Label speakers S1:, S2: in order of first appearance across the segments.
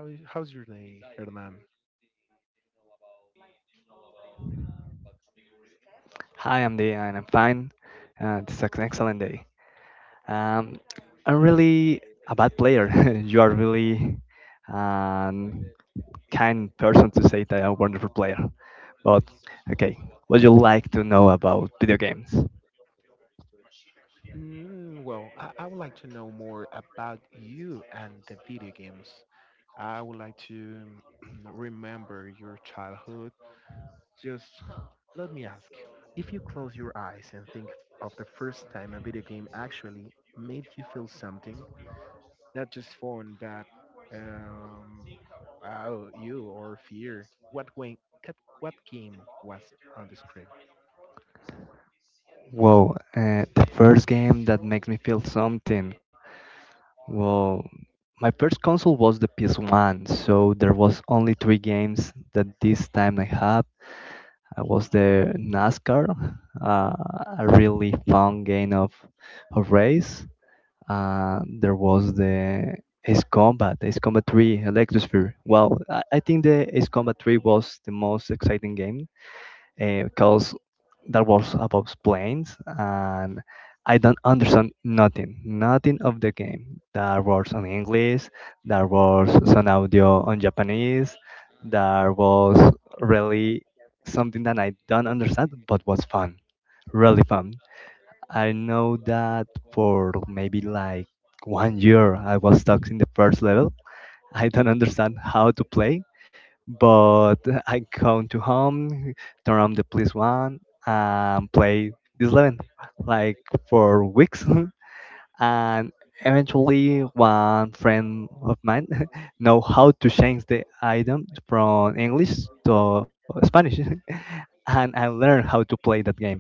S1: how's your day, Hernan?
S2: Hi, I'm Dee, and I'm fine. This is an excellent day. Um, I'm really a bad player. You are really um, kind person to say that I'm a wonderful player. But okay, what you like to know about video games?
S1: Mm, well, I would like to know more about you and the video games. I would like to remember your childhood. Just let me ask if you close your eyes and think of the first time a video game actually made you feel something, not just fun, but um, wow, you or fear, what game was on the screen?
S2: Whoa, the first game that makes me feel something. Well, my first console was the PS1, so there was only three games that this time I had. I was the NASCAR, uh, a really fun game of race. There was the Ace Combat, Ace Combat 3, Electrosphere. Well, I think the Ace Combat 3 was the most exciting game because that was about planes and I don't understand nothing, nothing of the game. There was on English, there was some audio on Japanese, there was really something that I don't understand but was fun, really fun. I know that for maybe like one year I was stuck in the first level. I don't understand how to play, but I come to home, turn on the PS one, and play this level like for weeks. And eventually, one friend of mine know how to change the item from English to Spanish, and I learned how to play that game.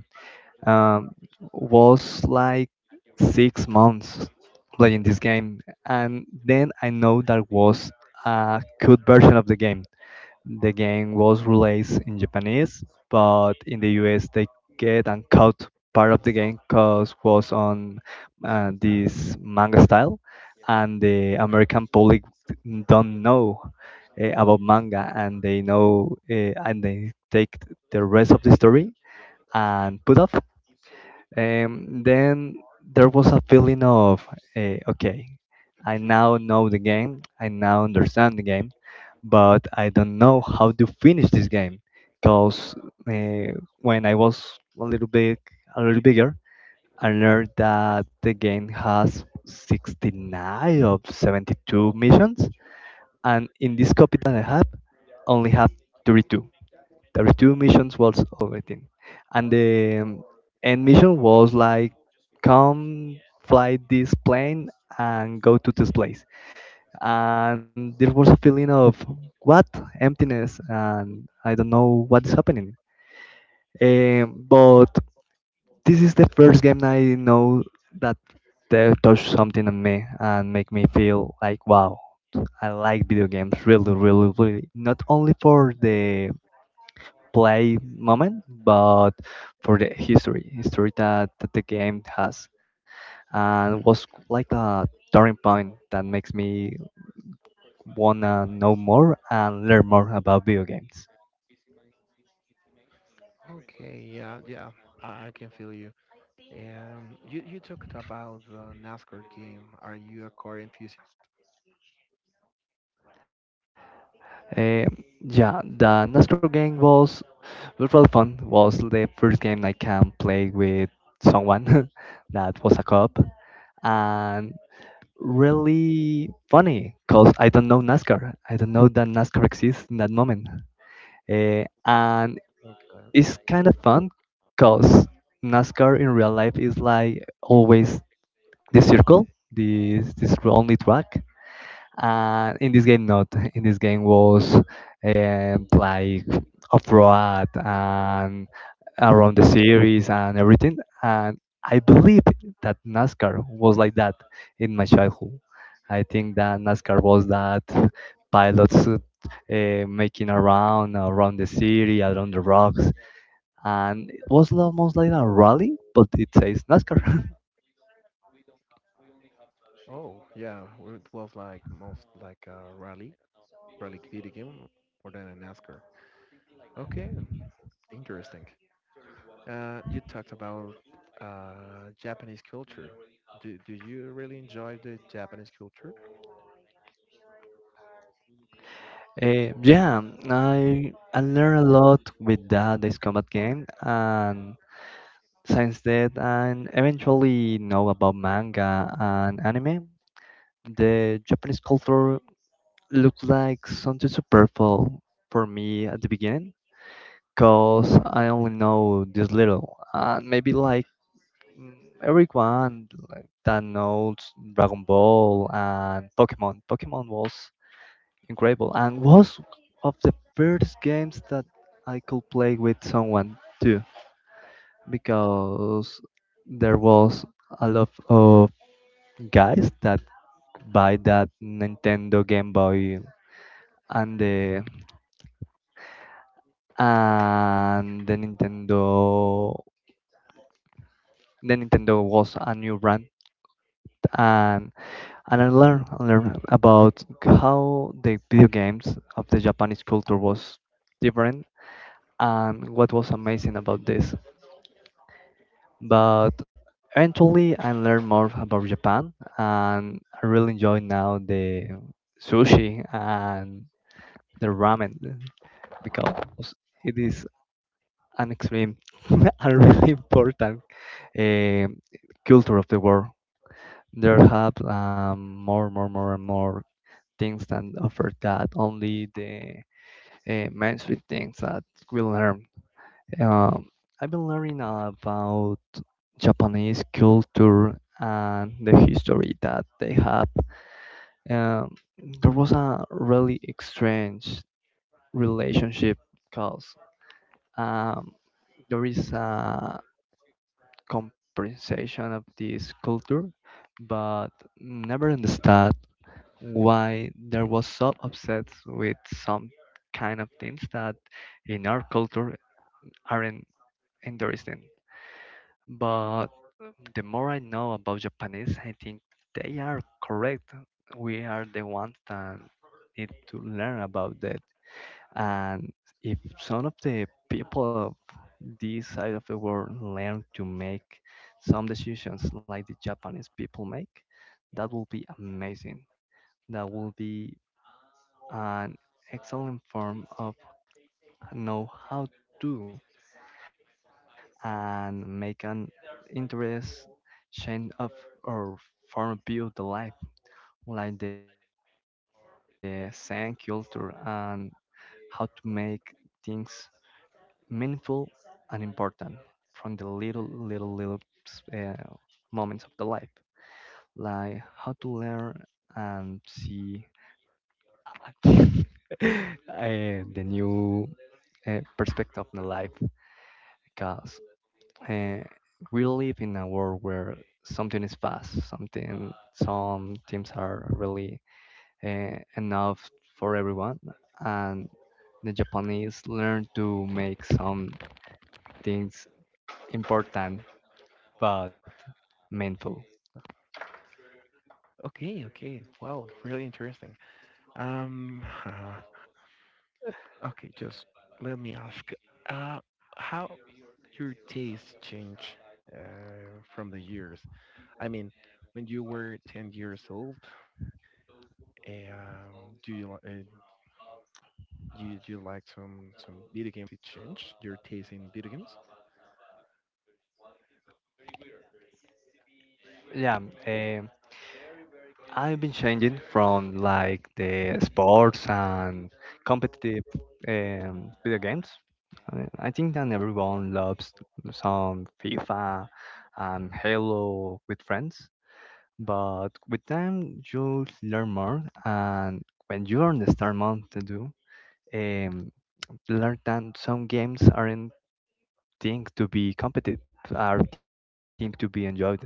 S2: Um, was like 6 months playing this game, and then I know that was a good version of the game. The game was released in Japanese, but in the US they get and cut part of the game because was on this manga style, and the American public don't know about manga, and they know and they take the rest of the story and put off. And then there was a feeling of, okay, I now know the game, I now understand the game, but I don't know how to finish this game. Because when I was a little bit, a little bigger, I learned that the game has 69 of 72 missions, and in this copy that I have, only have 32. There were two missions was oh, and the end mission was like come fly this plane and go to this place. And there was a feeling of what emptiness, and I don't know what is happening. But this is the first game I know that they touch something on me and make me feel like wow. I like video games really really really, not only for the play moment, but for the history, history that the game has, and was like a turning point that makes me wanna know more and learn more about video games.
S1: Okay, yeah, yeah, I can feel you. You talked about the NASCAR game. Are you a car enthusiast?
S2: Eh, yeah, the Nostro game was really fun. Was the first game I can play with someone that was a co-op and really funny because I don't know NASCAR. I don't know that NASCAR exists in that moment. And it's kind of fun because NASCAR in real life is like always the circle, this only track. And in this game, not. In this game was like off road and around the series and everything. And I believe that NASCAR was like that in my childhood. I think that NASCAR was that pilots making around the city, around the rocks, and it was almost like a rally, but it says NASCAR.
S1: Oh, yeah, well, it was like most like a rally, rally video game more than a NASCAR. Okay, interesting. You talked about Japanese culture. Do you really enjoy the Japanese culture?
S2: Yeah, I learned a lot with that this combat game, and since that, and eventually know about manga and anime. The Japanese culture looked like something superficial for me at the beginning, cause I only know this little, and maybe like everyone like, that knows Dragon Ball and Pokemon. Pokemon was incredible and was of the first games that I could play with someone too, because there was a lot of guys that buy that Nintendo Game Boy and the and the Nintendo was a new brand and and I learned learn about how the video games of the Japanese culture was different and what was amazing about this. But eventually, I learned more about Japan, and I really enjoy now the sushi and the ramen because it is an extreme and really important um culture of the world. There have more, more, more, and more things that offer that only the mainstream things that we learn. Um, I've been learning about Japanese culture and the history that they have. Um, there was a really strange relationship because um, there is a compensation of this culture, but never understood why there was so upset with some kind of things that in our culture aren't interesting. But the more I know about Japanese, I think they are correct. We are the ones that need to learn about that. And if some of the people of this side of the world learn to make some decisions like the Japanese people make, that will be amazing. That will be an excellent form of know how to and make an interest change of or form view the life like the same culture and how to make things meaningful and important from the little little little uh, moments of the life like how to learn and see uh, the new perspective of the life. Because eh, we live in a world where something is fast, something some teams are really enough for everyone, and the Japanese learn to make some things important but meaningful.
S1: Okay, okay. Wow, really interesting. Um, Okay, just let me ask, uh, how your taste change uh, from the years? I mean, when you were 10 years old, um, do you li- uh, you do you like some video games? It changed your taste in video games?
S2: Yeah, um, I've been changing from like the sports and competitive video games. I mean, I think that everyone loves some FIFA and Halo with friends, but with time you learn more, and when you understand more to do, um, you learn that some games aren't thing to be competed, are thing to be enjoyed,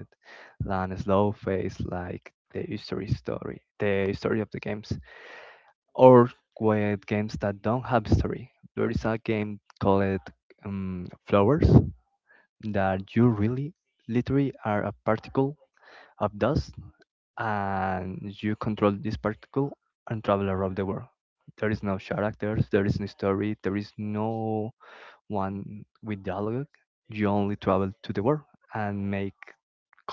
S2: and slow phase like the history story, the story of the games, or with games that don't have story. There is a game called Flowers that you really, literally are a particle of dust and you control this particle and travel around the world. There is no characters, there is no story, there is no one with dialogue. You only travel to the world and make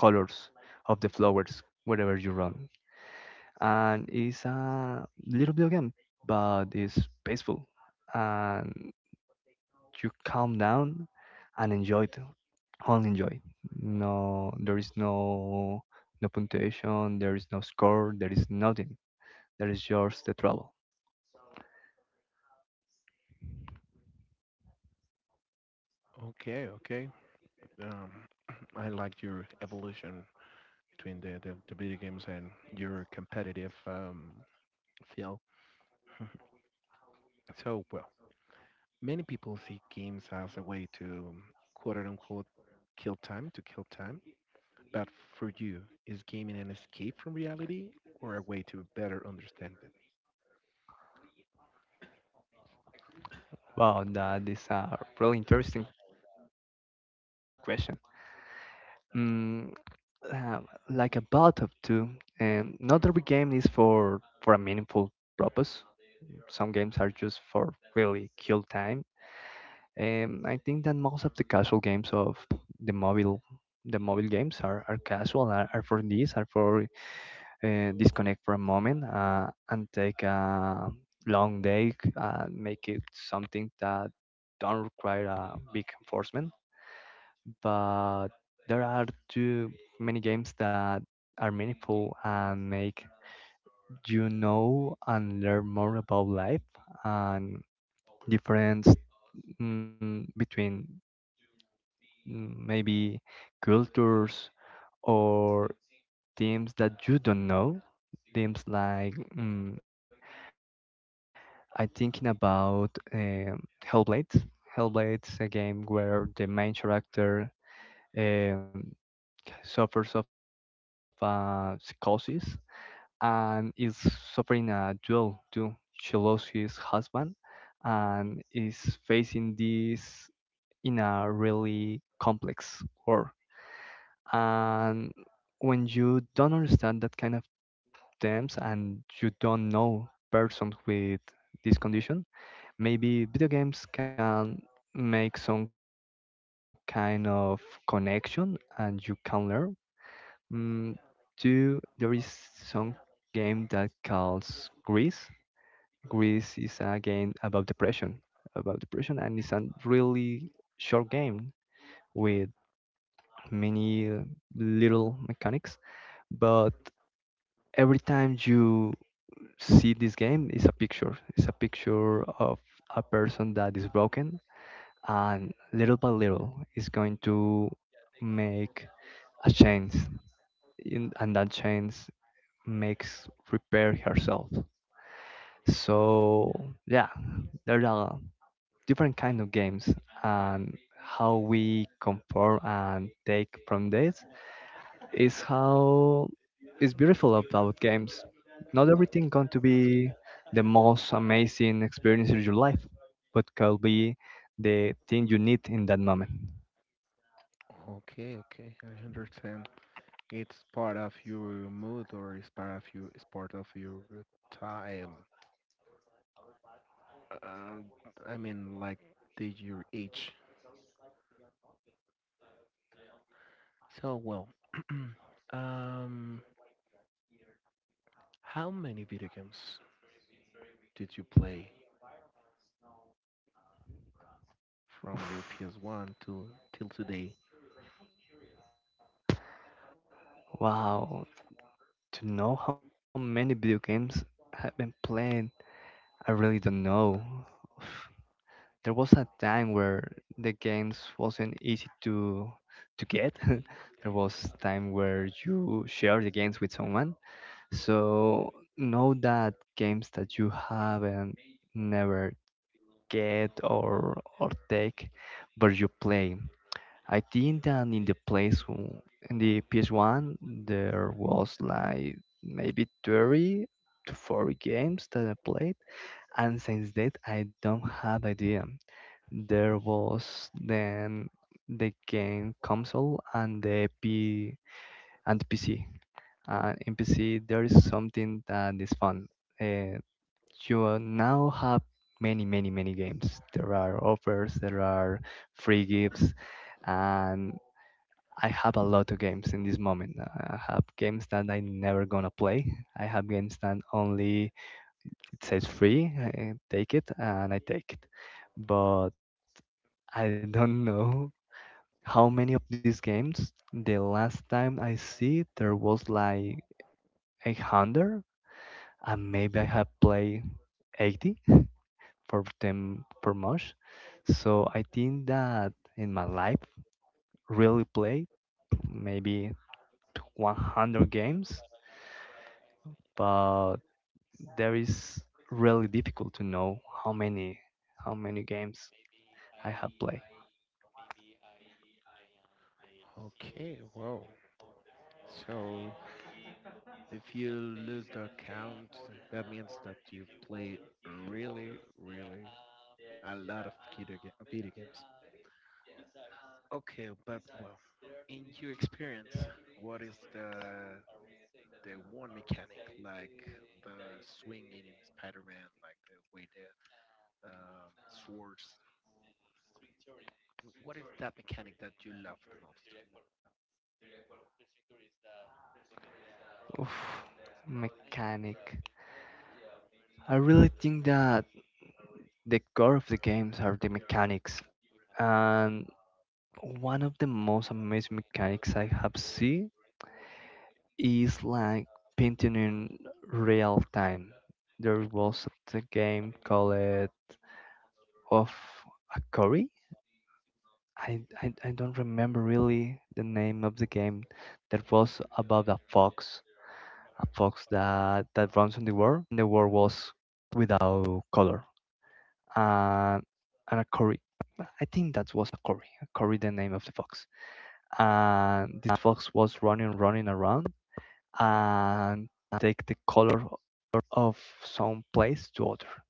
S2: colors of the flowers wherever you run. And it's a little video game, but it's peaceful. And you calm down and enjoy it, only enjoy. No, there is no punctuation, there is no score, there is nothing, there is just the trouble.
S1: Okay, okay. Um, I like your evolution between the video games and your competitive feel. So, well. Many people see games as a way to quote unquote kill time, to kill time. But for you, is gaming an escape from reality or a way to better understand it?
S2: Wow, that is a really interesting question. mm, uh, like a bot of two. Not every game is for a meaningful purpose. Some games are just for really kill time. I think that most of the casual games of the mobile the mobile games are casual, are for this, are for disconnect for a moment and take a long day and make it something that don't require a big enforcement. But there are too many games that are meaningful and make you know and learn more about life and difference, between maybe cultures or teams that you don't know. Teams like I'm thinking about Hellblade. Hellblade's a game where the main character um, suffers of a psychosis and is suffering a duel too. She lost his husband and is facing this in a really complex war. And when you don't understand that kind of terms and you don't know persons with this condition, maybe video games can make some kind of connection and you can learn. Mm, Two, there is some game that calls Greece. Greece is a game about depression, and it's a really short game with many little mechanics, but every time you see this game it's a picture of a person that is broken and little by little it's going to make a change in, and that change makes repair herself. So yeah, there are different kind of games, and how we conform and take from this is how is beautiful about games. Not everything going to be the most amazing experience of your life, but could be the thing you need in that moment.
S1: Okay, okay, I understand. It's part of your mood or it's part of your time. Um, I mean, like the your age. So well, um, how many video games did you play from your
S2: Oof.
S1: PS1 to till today?
S2: Wow, to know how many video games have been played, I really don't know. Oof. There was a time where the games wasn't easy to get. There was time where you share the games with someone. So know that games that you haven't never get or take, but you play. I think that in the PS1 there was like maybe 30 to 40 games that I played, and since that I don't have idea. There was then the game console and the PC and NPC, there is something that is fun. Uh, you now have many, many, many games. There are offers, there are free gifts, and I have a lot of games in this moment. I have games that I never gonna play. I have games that only it says free, I take it, and I take it. But I don't know how many of these games. The last time I see, there was like a hundred, and maybe I have played 80 for them per month. So I think that in my life, really played maybe 100 games, but there is really difficult to know how many how many games I have played.
S1: Okay, well, so if you lose the count, that means that you played really, really a lot, yes, of baby video, ga- yes video games. Okay, but well, in your experience, what is the one mechanic like the swinging in Spider-Man, like the way the swords? What is that mechanic that you love the most?
S2: Oof, mechanic. I really think that the core of the games are the mechanics, and one of the most amazing mechanics I have seen is like painting in real time. There was a game called of a Curry. I don't remember really the name of the game that was about a fox that runs in the world. And the world was without color. Uh, and a Curry, I think that was a Curry, the name of the fox. And this fox was running around and take the color of some place to other.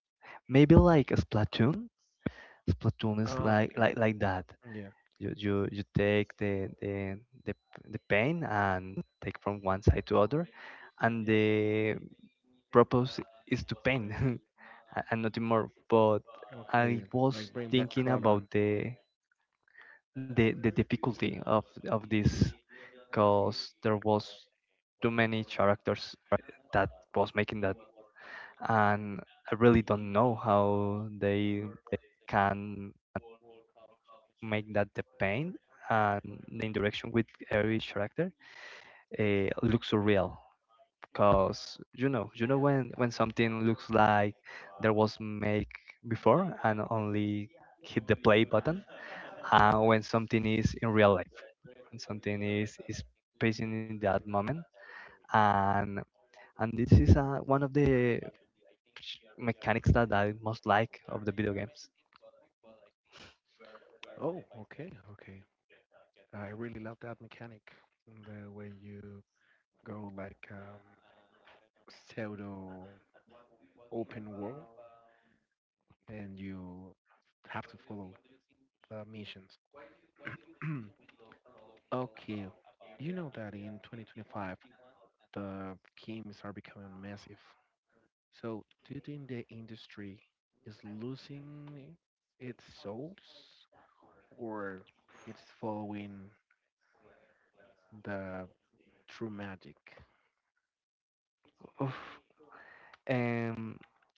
S2: Maybe like a Splatoon. Splatoon
S1: Oh,
S2: is
S1: okay.
S2: like that.
S1: Yeah.
S2: You take the paint and take from one side to other, and the purpose is to paint and nothing more. But
S1: Okay,
S2: I
S1: like bring
S2: was
S1: back
S2: thinking
S1: color.
S2: about the difficulty of this because there was too many characters that was making that, and I really don't know how they can make that the paint and the interaction with every character looks surreal because you know when something looks like there was make before and only hit the play button, and when something is in real life, when something is passing in that moment. and and this is one of the mechanics that I most like of the video games.
S1: Oh, okay, okay. I really love that mechanic. The way you go like pseudo open world and you have to follow the missions. Okay, you know that in 2025 the games are becoming massive. So do you think the industry is losing its souls or it's following the true magic?
S2: Oof. Um,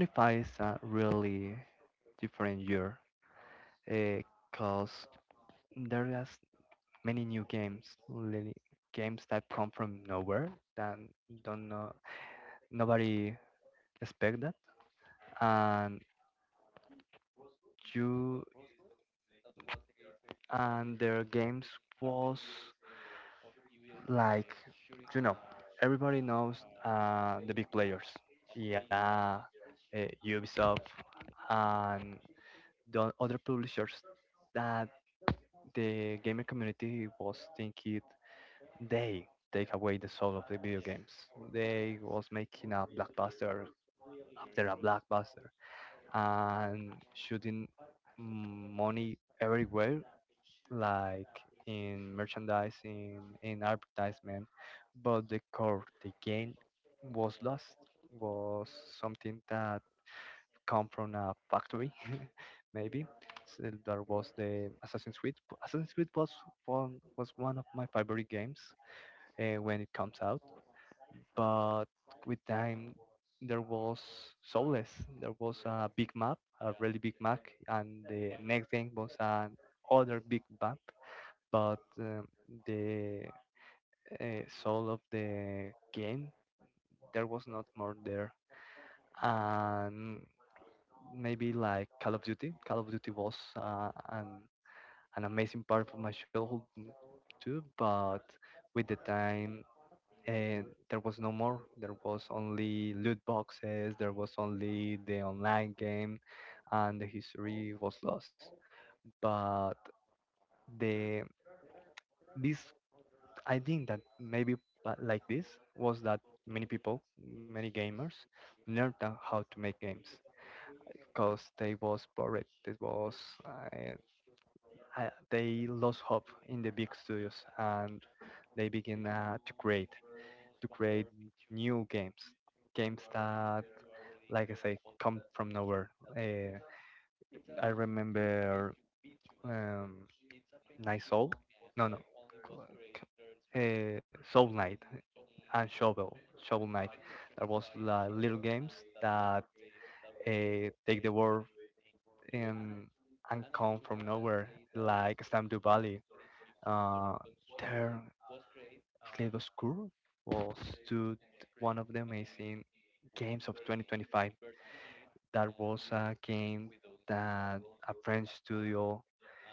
S2: 2025 is a really different year because there are many new games, really games that come from nowhere, that don't know nobody expect that. And you and their games was like, you know, everybody knows the big players, yeah, Ubisoft and the other publishers, that the gaming community was thinking they take away the soul of the video games. They was making a blockbuster after a blockbuster and shooting money everywhere, like in merchandising, in advertisement. But the core, the game, was lost, was something that come from a factory, maybe. So there was the Assassin's Creed. Assassin's Creed was one of my favorite games when it comes out, but with time there was so. There was a big map, a really big map, and the next game was an other big map, but the soul of the game there was not more there. And maybe like Call of Duty. Call of Duty was uh, an, an amazing part of my childhood, too. But with the time, and there was no more, there was only loot boxes, there was only the online game, and the history was lost. But the this, I think that maybe, like this, was that many people, many gamers, learned on how to make games because they was bored. They was uh, they lost hope in the big studios, and they begin to create new games, games that, like I say, come from nowhere. Uh, I remember um, Night Soul. No, no. Shovel Knight and Shovel Knight. There was la little games that take the world in and come from nowhere, like Stardew Valley. Uh, there, Slave School was to one of the amazing games of 2025. That was a game that a French studio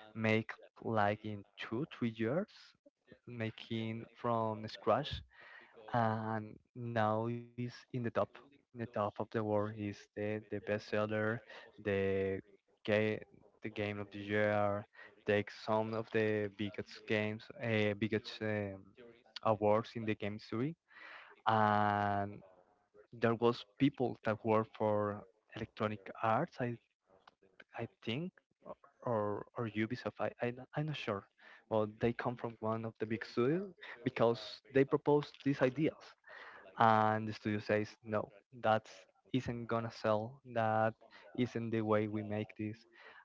S2: make like in 2 3 years, making from scratch, and now is in the top, in the top of the world, is the bestseller, the game, the game of the year, takes some of the biggest games, biggest awards in the game history. And there was people that work for Electronic Arts, I think, o- or Ubisoft, I I'm not sure. Well, they come from one of the big studios because they proposed these ideas, and the studio says no, that isn't gonna sell, that isn't the way we make this.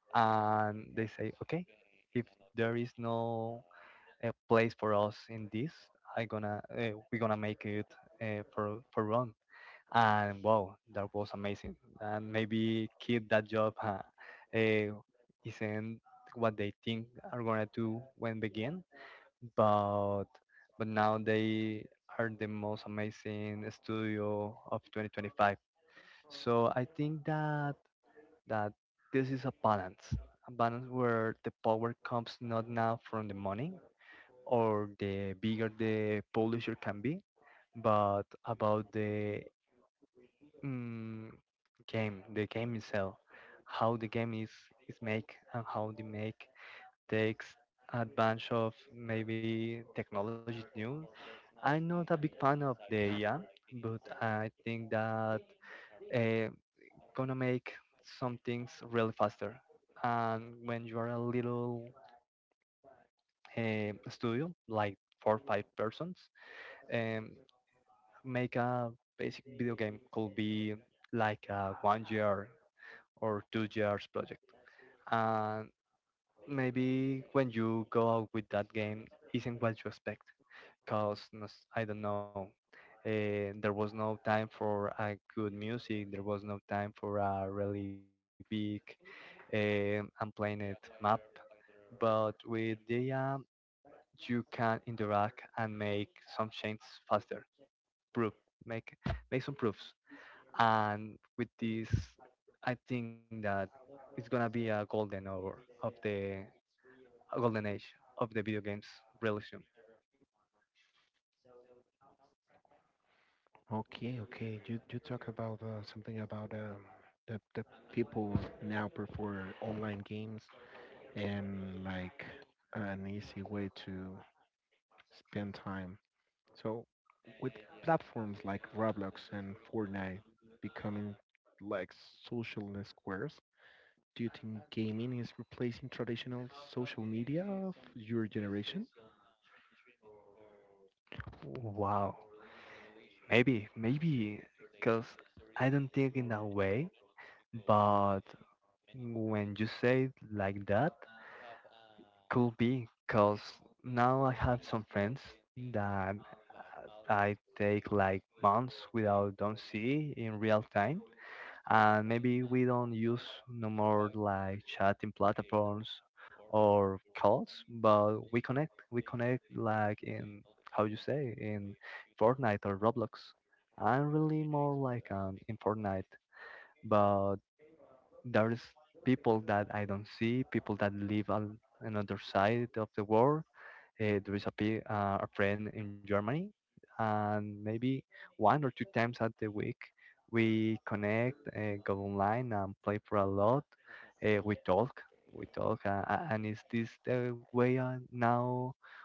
S2: And they say okay, if there is no place for us in this, I gonna we're gonna make it for run. And wow, that was amazing. And maybe keep that job, uh, isn't what they think are gonna do when begin. but but now they are the most amazing studio of 2025. So I think that that this is a balance, a balance where the power comes not now from the money or the bigger the publisher can be, but about the mm, game, the game itself, how the game is make, and how the make takes advantage of maybe technology new. I'm not a big fan of the AI, but I think that uh, gonna make some things really faster. And when you are a little studio, like four or five persons, um, make a basic video game could be like a 1 year or 2 years project. And maybe when you go out with that game, isn't what you expect. Because I don't know. There was no time for a good music. There was no time for a really big unplanned map. But with the app, you can interact and make some changes faster. Proof, make make some proofs. And with this, I think that it's gonna be a golden hour of the, a golden age of the video games really soon.
S1: Okay, okay. You talk about something about the people now prefer online games and like an easy way to spend time. So with platforms like Roblox and Fortnite becoming like social squares, do you think gaming is replacing traditional social media of your generation?
S2: Wow. Maybe, maybe, because I don't think in that way, but when you say it like that, could be, because now I have some friends that I take like months without don't see in real time. And maybe we don't use no more like chatting platforms or calls, but we connect. We connect like in, how you say, in Fortnite or Roblox. I'm really more like an in Fortnite, but there's people that I don't see, people that live on another side of the world. There is a, a friend in Germany, and maybe one or two times at the week we connect, go online, and play for a lot. We talk, and is this the way now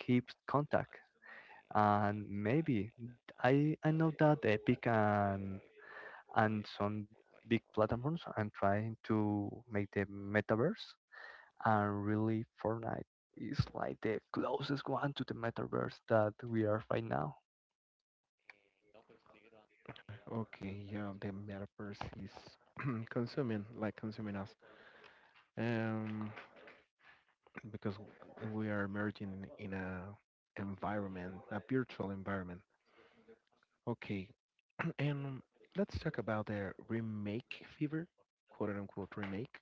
S2: we keep contact? And maybe I know that Epic and some big platforms and trying to make the metaverse. And really, Fortnite is like the closest one to the metaverse that we are right now.
S1: Okay, yeah, the metaverse is consuming, like consuming us, um, because we are emerging in a environment, a virtual environment. Okay, and let's talk about the remake fever, quote unquote remake.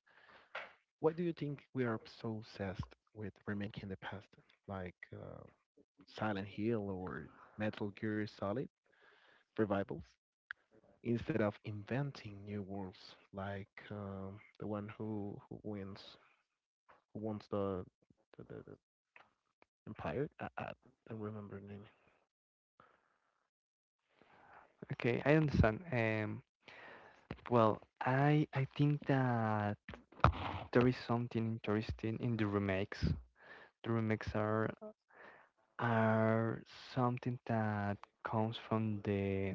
S1: Why do you think we are so obsessed with remake in the past, like Silent Hill or Metal Gear Solid revivals, instead of inventing new worlds like the one who wins who wants the empire. I don't remember the name.
S2: Okay, I understand. Well, I think that there is something interesting in the remakes. The remakes are something that comes from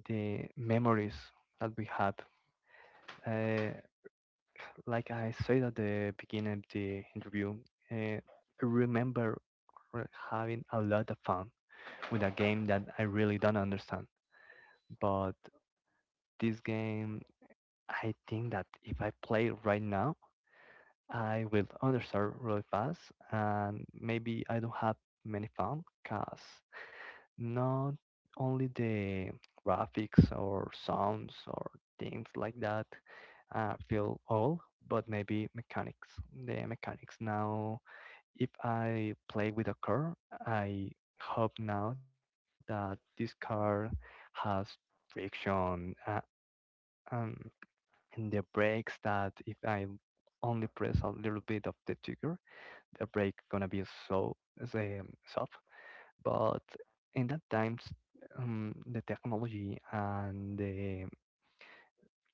S2: the memories that we have. Uh, Like I said at the beginning of the interview, I remember having a lot of fun with a game that I really don't understand. But this game, I think that if I play it right now, I will understand really fast, and maybe I don't have many fun, cause not only the graphics or sounds or things like that feel old, but maybe mechanics. The mechanics now, if I play with a car, I hope now that this car has friction, um, and the brakes, that if I only press a little bit of the trigger, the brake gonna be so, so soft. But in that times, the technology and the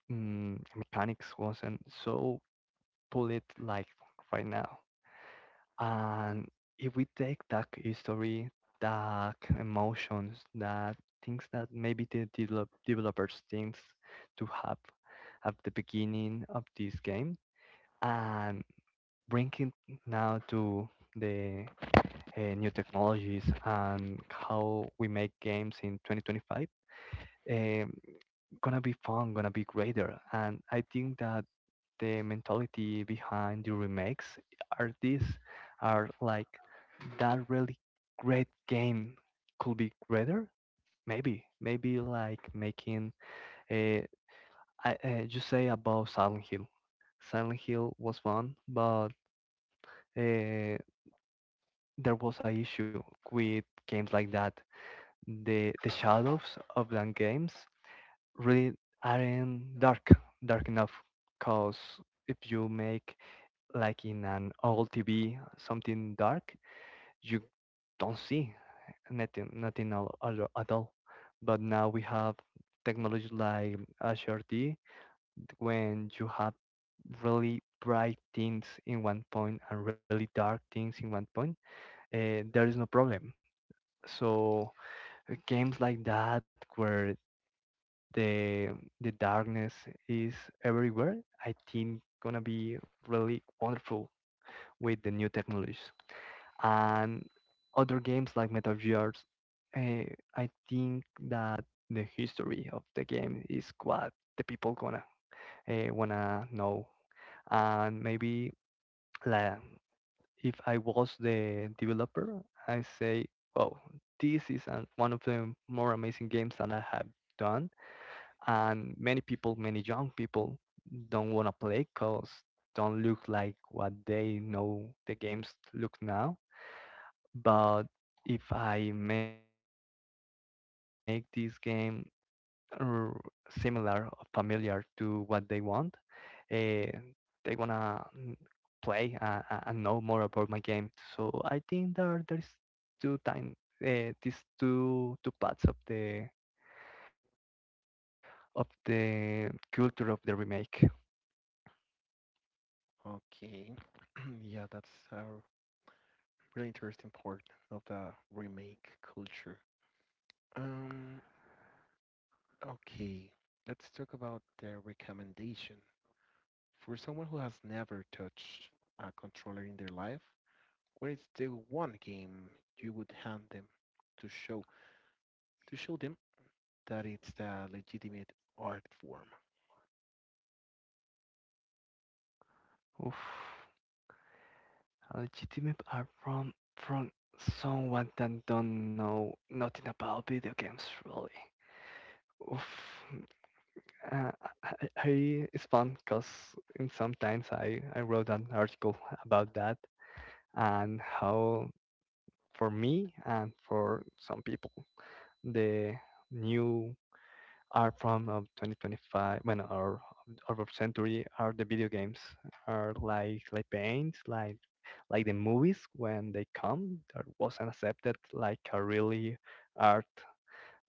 S2: mechanics wasn't so bullet like right now. And if we take that history, that emotions, that things that maybe the developers thinks to have at the beginning of this game, and bring it now to the new technologies and how we make games in 2025, um, gonna be fun, gonna be greater. And I think that the mentality behind the remakes are these, are like that really great game could be greater. Maybe, maybe like making a, I you say about Silent Hill. Silent Hill was fun, but uh, there was a issue with games like that. The shadows of the games really aren't dark, dark enough, because if you make like in an old TV something dark, you don't see nothing, at all. But now we have technology like HRD, when you have really bright things in 1 point and really dark things in 1 point, there is no problem. So games like that, where the the darkness is everywhere, I think gonna be really wonderful with the new technologies. And other games like Metal Gears, uh, I think that the history of the game is what the people gonna wanna know. And maybe, like, if I was the developer, I say, oh, this is one of the more amazing games that I have done, and many people, many young people, don't want to play because don't look like what they know the games look now. But if I make this game r- similar or familiar to what they want, uh, they wanna play and know more about my game. So I think there there's two time, these two parts of the culture of the remake.
S1: Okay, yeah, that's a really interesting part of the remake culture. Um, okay, let's talk about the recommendation for someone who has never touched a controller in their life. What is the one game you would hand them to show to show them that it's the legitimate art form.
S2: Oof. Legitimate are from someone that don't know nothing about video games really. Oof. Uh, I, I it's fun because sometimes I wrote an article about that and how for me and for some people the new are from of 2025 when, or our century, are the video games, are like paint, like the movies, when they come there wasn't accepted like a really art.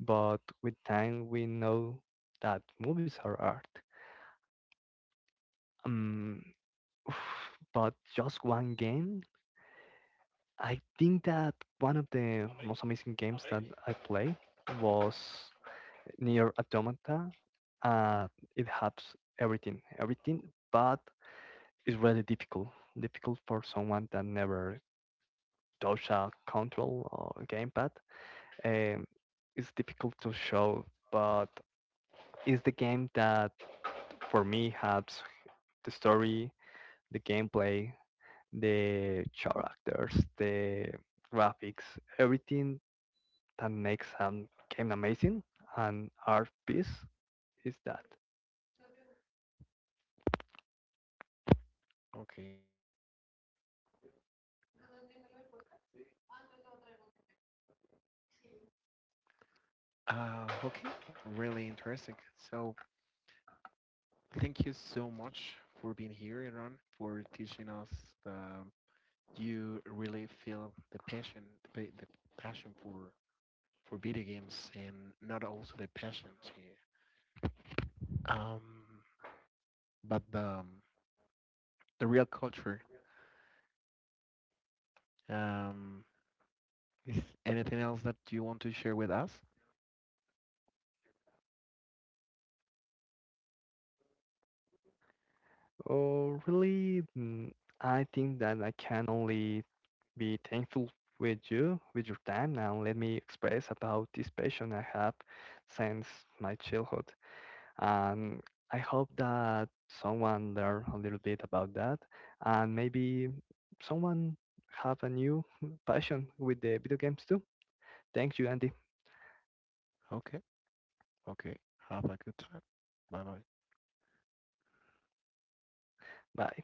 S2: But with time we know that movies are art. um but just one game, I think that one of the most amazing games that I play was near Automata. uh, it helps everything, everything, but it's really difficult, difficult for someone that never touch a control or gamepad. Um, it's difficult to show, but it's the game that for me helps the story, the gameplay, the characters, the graphics, everything that makes a game amazing and art piece is that.
S1: Okay. Okay, really interesting. So thank you so much for being here, Iran, for teaching us the you really feel the passion, the passion for video games, and not also the passion, here, um, but the real culture. Um, is anything else that you want to share with us?
S2: Oh, really? I think that I can only be thankful with you, with your time. Now let me express about this passion I have since my childhood. And I hope that someone learn a little bit about that, and maybe someone have a new passion with the video games too. Thank you, Andy.
S1: Okay, okay. Have a good time. Bye bye.
S2: Bye.